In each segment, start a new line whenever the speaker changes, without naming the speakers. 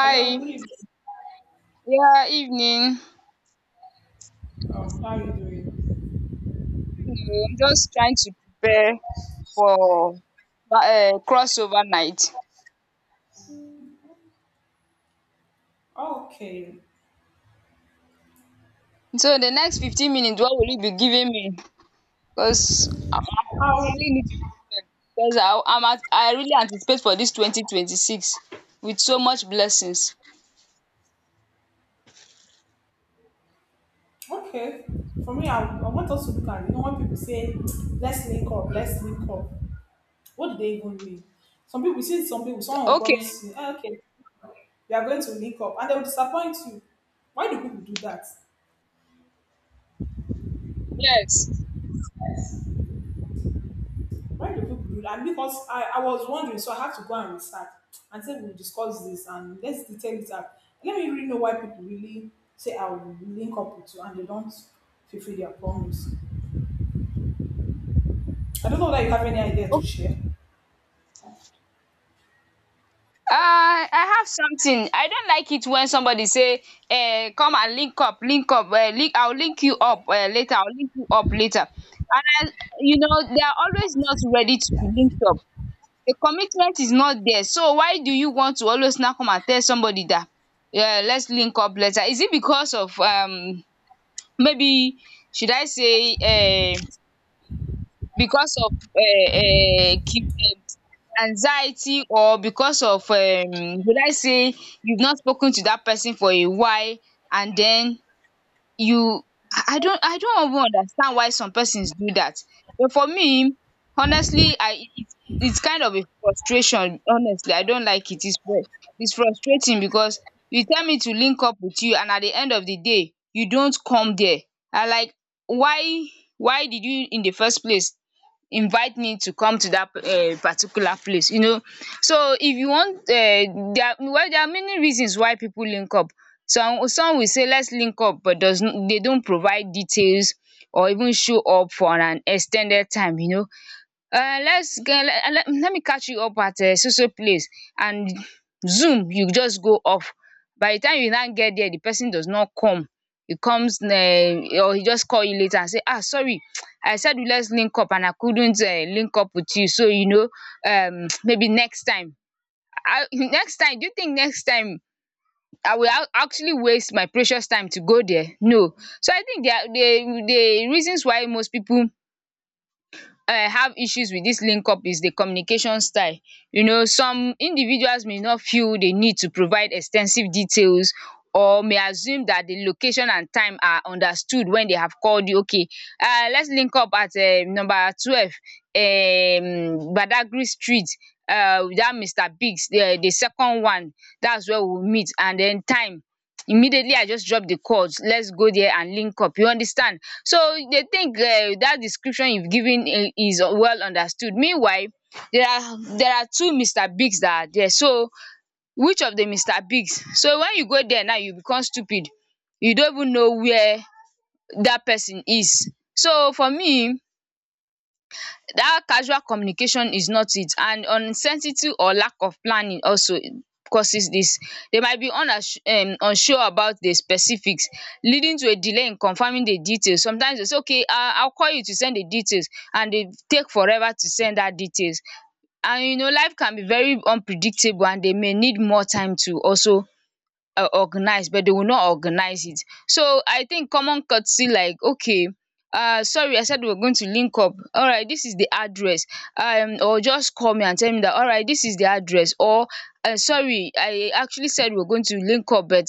Hello, good evening.
Yeah, evening.
Oh, how are you doing?
I'm just trying to prepare for crossover night.
Okay.
So the next 15 minutes what will you be giving me? Because I really need
Um,
to prepare because I I'm at I really anticipate for dis 2026 with so much blessings.
okay. For me, I want us to look at, when people say, let's link up, what do they even mean? Some people, you see some people, someone will
Okay,
promise you, "Ah, okay, we are going to link up, and they will disappoint you. Why do people do that?
yes.
Why do people do that? And because I was wondering, so I have to go and research and say, we'll discuss this and let's detail it out. Let me really know why people really say, I will link up with you, and they don't fulfill their promise. I don't know that you have any idea to share.
Uh, I have something. I don't like it when somebody say, come and link up, link up link I will link you up, later, I will link you up later," and I you know they are always not ready to be linked up. The commitment is not there. So why do you want to always now come and tell somebody that, "Yeah, let's link up later"? Is it because of maybe, should I say, because of anxiety, or because of, will I say, you've not spoken to that person for a while, and then you? I don't even understand why some persons do that. But for me, honestly, I it, it's kind of a frustration. Honestly, I don't like it. It's frustrating because you tell me to link up with you, and at the end of the day, you don't come there. I like why why did you in the first place invite me to come to that particular place, you know? So if you want, there are, well, there are many reasons why people link up. Some will say, "Let's link up," but they don't provide details or even show up for an extended time, you know. Let's get, let me catch you up at so so place, and zoom, you just go off. By the time you now get there, the person does not come. He comes, or he just call you later and say, "Ah, sorry, I said let's link up and I couldn't link up with you, so you know, maybe next time, um next time." Do you think next time I will actually waste my precious time to go there? No. So I think the reasons why most people have issues with dis link up is the communication style. You know, some individuals may not feel the need to provide ex ten sive details, or may assume dat the location and time are understood. When they have called you, "Okay, let's link up at number 12, Badagry Street, dat Mr. Biggs, the second one, dats where we will meet," and den time, immediately I just drop the course, "Let's go there and link up," you understand? So they think that description you've given is well understood. Meanwhile, there are two Mr. Bigs that are there. So which of the Mr. Bigs? So when you go there now, you become stupid. You don't even know where that person is. So for me, that casual communication is not it. And uncertainty or lack of planning also causes this. They might be unass unsure about the specifics, leading to a delay in confirming the details. Sometimes they say, "Okay, I'll call you to send the details," and they take forever to send that details. And you know, life can be very unpredictable, and they may need more time to also organized, but they will not organize it. So I think common courtesy, like, "Okay, sorry, I said we're going to link up, alright, this is the address," or just call me and tell me that, "Alright, this is the address," or, Sorry, I actually said we're going to link up, but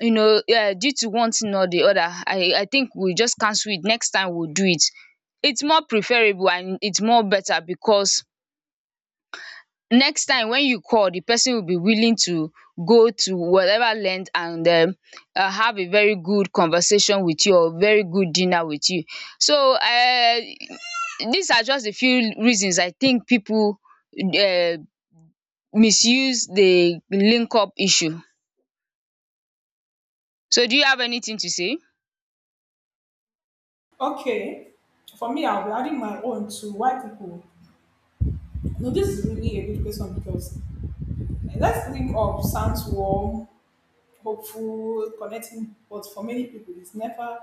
you know, due to one thing or the other, I think we just cancel it, next time we'll do it." It's more preferable and it's more better, because next time when you call, the person will be willing to go to whatever length, and have a very good conversation with you or very good dinner with you. So these are just a few reasons I think people um misuse the link up issue. So do you have anything to say?
Okay. For me, I'll be adding my own to why people. No, this is really a good question because let's think of sounds warm, hopeful, connecting, but for many people, it's never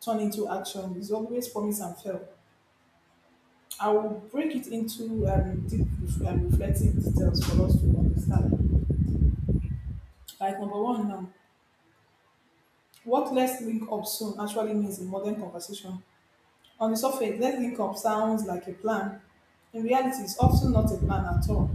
turned into action. It's always promise and fail. I will break it into deep reflective details for us to understand. Like number one now, what "let's link up soon actually means in modern conversation. On the surface, let's link up sounds like a plan. In reality, it's often not a plan at all.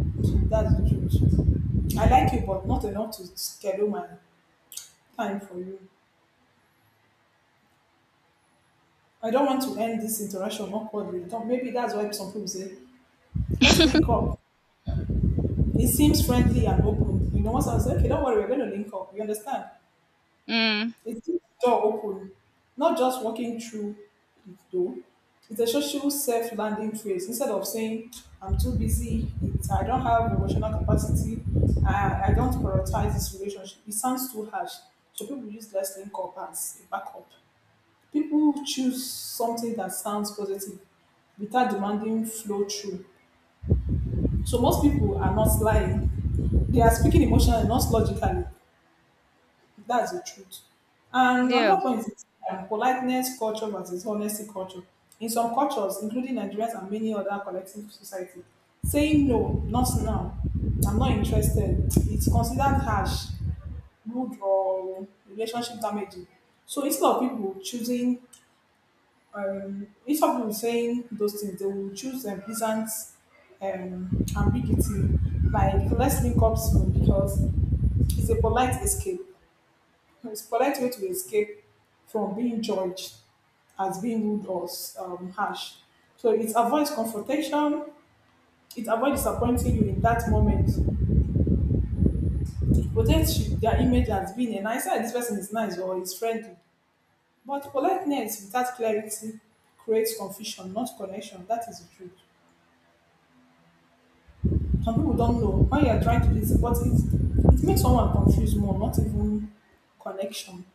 That's the truth. I like you, but not enough to schedule my time for you. I don't want to end this interaction awkwardly. Maybe that's why some people say, let's link up. It seems friendly and open. Once I say, okay, don't worry, we're going to link up. You understand?
Mm.
It keeps the door open, not just walking through it though. It's a social self-landing phrase. Instead of saying, I'm too busy, it's, I don't have emotional capacity, I don't prioritize this relationship, it sounds too harsh. So people use less link up as a backup. People choose something that sounds positive without demanding flow through. So most people are not lying. They are speaking emotionally, not logically. That's the truth. And
Yeah.
another point is politeness culture versus honesty culture. In some cultures, including Nigerians and many other collective society, saying no, not now, I'm not interested, it's considered harsh, rude, or relationship damaging. So instead of people choosing, instead of people saying those things, they will choose pleasant ambiguity, like let's link up soon because it's a polite escape. It's a polite way to escape from being judged as being rude or harsh. So it avoids confrontation. It avoids disappointing you in that moment. It protects their image as being a nice. "Ah, this person is nice or is friendly. But politeness without clarity creates confusion, not connection. That is the truth. Some people don't know when you are trying to listen, but it makes someone confused more, not even connection.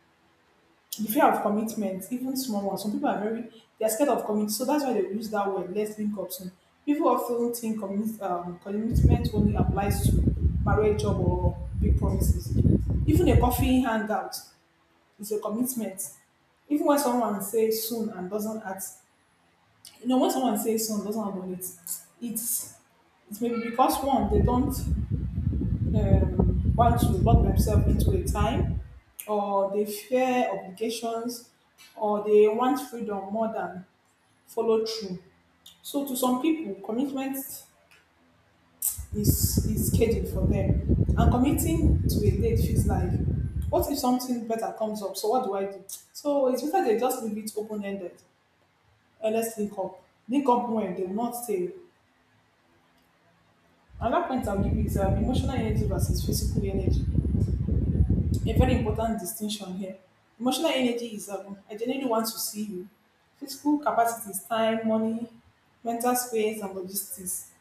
The fear of commitment, even small ones. Some people are very, they're scared of commit, so that's why they use that word. Let's link up soon. People often think commitment only applies to marriage, job, or big promises. Even a coffee hangout is a commitment. Even when someone says soon and doesn't act, when someone says soon doesn't act on it, it's it's maybe because one they don't want to lock themselves into a time, or they fear obligations, or they want freedom more than follow through. So, to some people, commitment is scheduled for them, and committing to a date feels like, what if something better comes up? So, what do I do? So, it's better they just leave it open ended. Let's link up. Link up when they will not stay. Another point I'll give you is emotional energy versus physical energy. A very important distinction here. Emotional energy is I genuinely want to see you. Physical capacity is time, money, mental space, and logistics.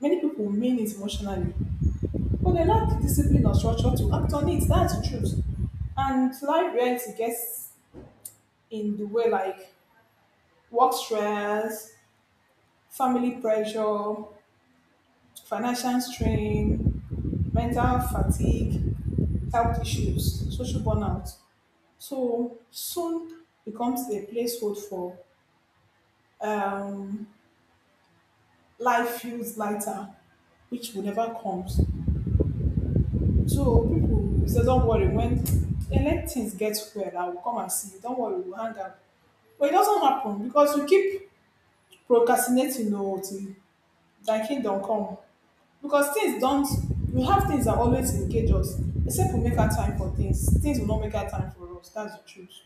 Many people mean it emotionally, but they lack the discipline or structure to act on it. That's the truth. And life reality gets in the way like work stress, family pressure, financial strain, mental fatigue, health issues, social burnout. So soon becomes a placehold for um, life feels lighter, which will never comes. So people will say, don't worry, when and let things get well, I will come and see you. Don't worry, we'll hang out. But it doesn't happen because you keep procrastinating no till thy kingdom come. Because things don't, we have things that always engage us. Except we make our time for things. Things will not make our time for us. That's the truth.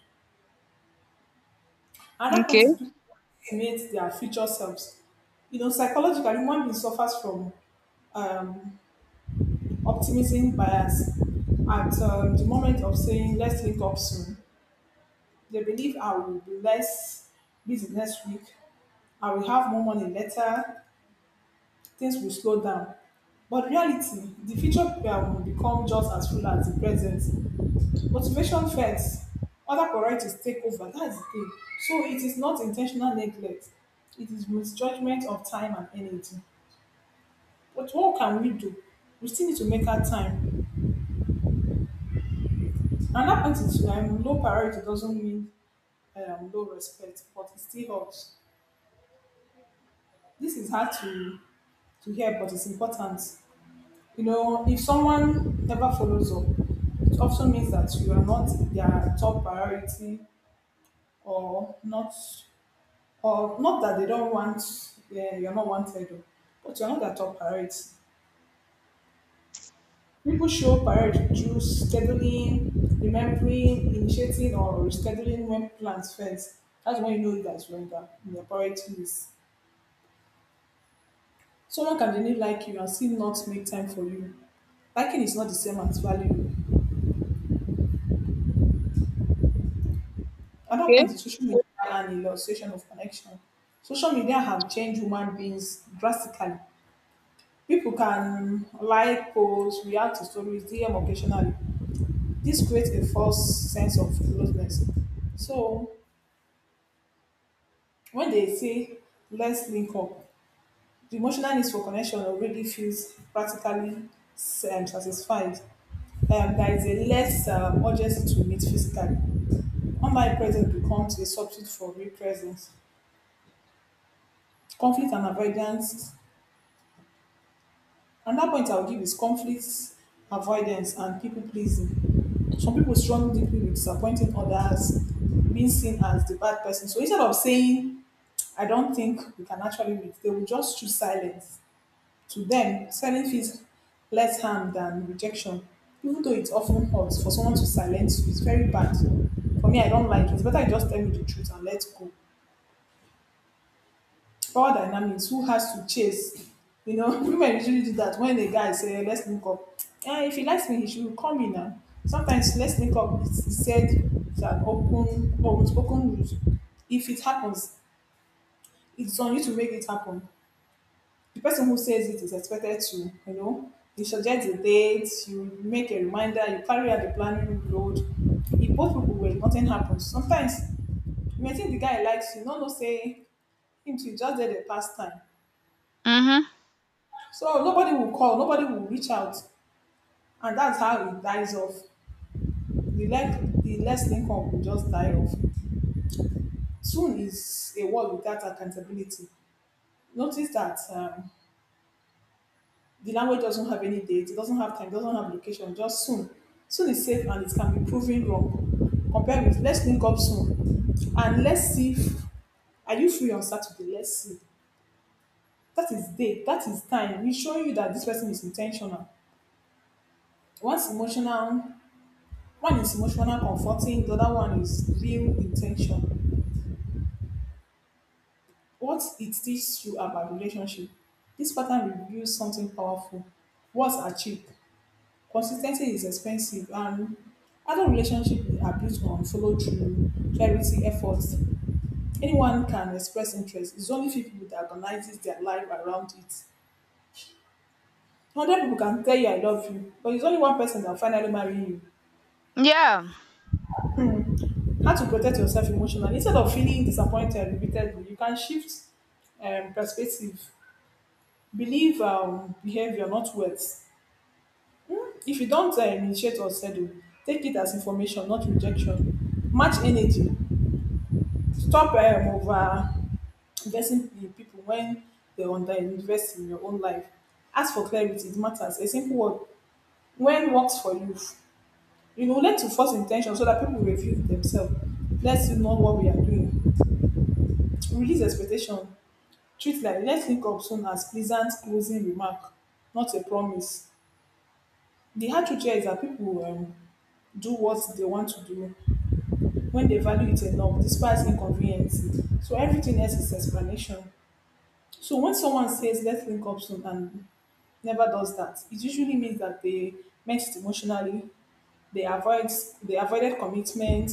Another point
Okay.
is people estimate their future selves. Psychologically, human being suffers from um, optimism bias. At the moment of saying, let's link up soon, they believe I will be less busy next week, I will have more money later, things will slow down. But reality, the future will become just as full as the present. Motivation fades, other priorities take over. That's the thing. So it is not intentional neglect, it is misjudgment of time and energy. But what can we do? We still need to make our time. And that point is low priority doesn't mean low respect, but it still helps. This is hard to hear, but it's important. You know, if someone never follows up, it also means that you are not their top priority or not, or not that they don't want, yeah, you're not wanted, but you're not their top priority. People show priority through scheduling, remembering, initiating, or rescheduling when plans first. That's when you know that's when you in your priority list. Someone can genuinely like you and still not make time for you. Liking is not the same as valuing. Another
Okay.
point is social media and the illustration of connection. Social media have changed human beings drastically. People can like posts, react to stories, DM occasionally. This creates a false sense of closeness. So, when they say let's link up, the emotional needs for connection already feels practically satisfied. There is a less urgency to meet physically. Online presence becomes a substitute for real presence. Conflict and avoidance. Another point I'll give is conflict avoidance and people pleasing. Some people struggle deeply with disappointing others, being seen as the bad person. So instead of saying, I don't think we can actually meet, they will just choose silence. To them, silence feels less harm than rejection, even though it often hurts. For someone to silence you is very bad. For me, I don't like it. It's better you just tell me the truth and let go. Power dynamics, who has to chase? Women usually do that when a guy say, let's link up. Eh, if he likes me, he should call me now. Sometimes let's link up is said it's an open or unspoken rules. If it happens, it's on you to make it happen. The person who says it is expected to, you know, you suggest the date, you make a reminder, you carry out the planning load. If both people were, nothing happens. Sometimes you may think the guy likes you, no know say him too just there dey pass time.
Mm-hmm.
So nobody will call, nobody will reach out, and that's how it dies off. The less link up will just die off. Soon is a world without accountability. Notice that the language doesn't have any date, it doesn't have time, it doesn't have location, just soon. Soon is safe and it can be proven wrong. Compare with let's link up soon and let's see if are you free on Saturday? Let's see. That is date, that is time. It's showing you that this person is intentional. One's emotional, one is emotional comforting, the other one is real intention. What it teaches you about relationship. This pattern reveals something powerful. Words are cheap. Consistency is expensive and adult relationship are built on follow through, clarity, effort. Anyone can express interest. It's only few people that organizes their life around it. 100 people can tell you I love you, but it's only one person that finally marry you.
Yeah.
How to protect yourself emotionally instead of feeling disappointed repeatedly, you can shift perspective. Believe behavior, not words. If you don't initiate or settle, take it as information, not rejection. Match energy. Stop over investing in people when they are under invest in your own life. Ask for clarity, it matters. A simple word when works for you. You will learn to force intention so that people will review themselves. Let's know what we are doing. Release expectation. Treat like let's link up soon as pleasant closing remark, not a promise. The hard truth here is that people do what they want to do when they value it enough, despite inconvenience. So everything else is explanation. So when someone says let's link up soon and never does that, it usually means that they meant it emotionally, they avoid they avoided commitment,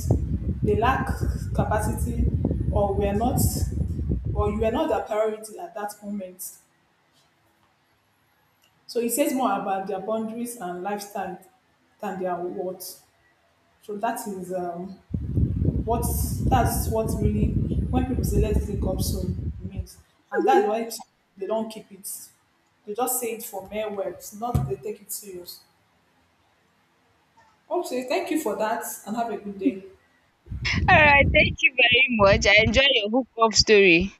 they lack capacity, or were not or you were not their priority at that moment. So it says more about their boundaries and lifestyle than their worth. So that is. Um, What's that's what really when people say let's link up soon it means, and that's why they don't keep it. They just say it for mere words, not they take it serious. Okay, thank you for that, and have a good day.
all right thank you very much, I enjoy your hook up story.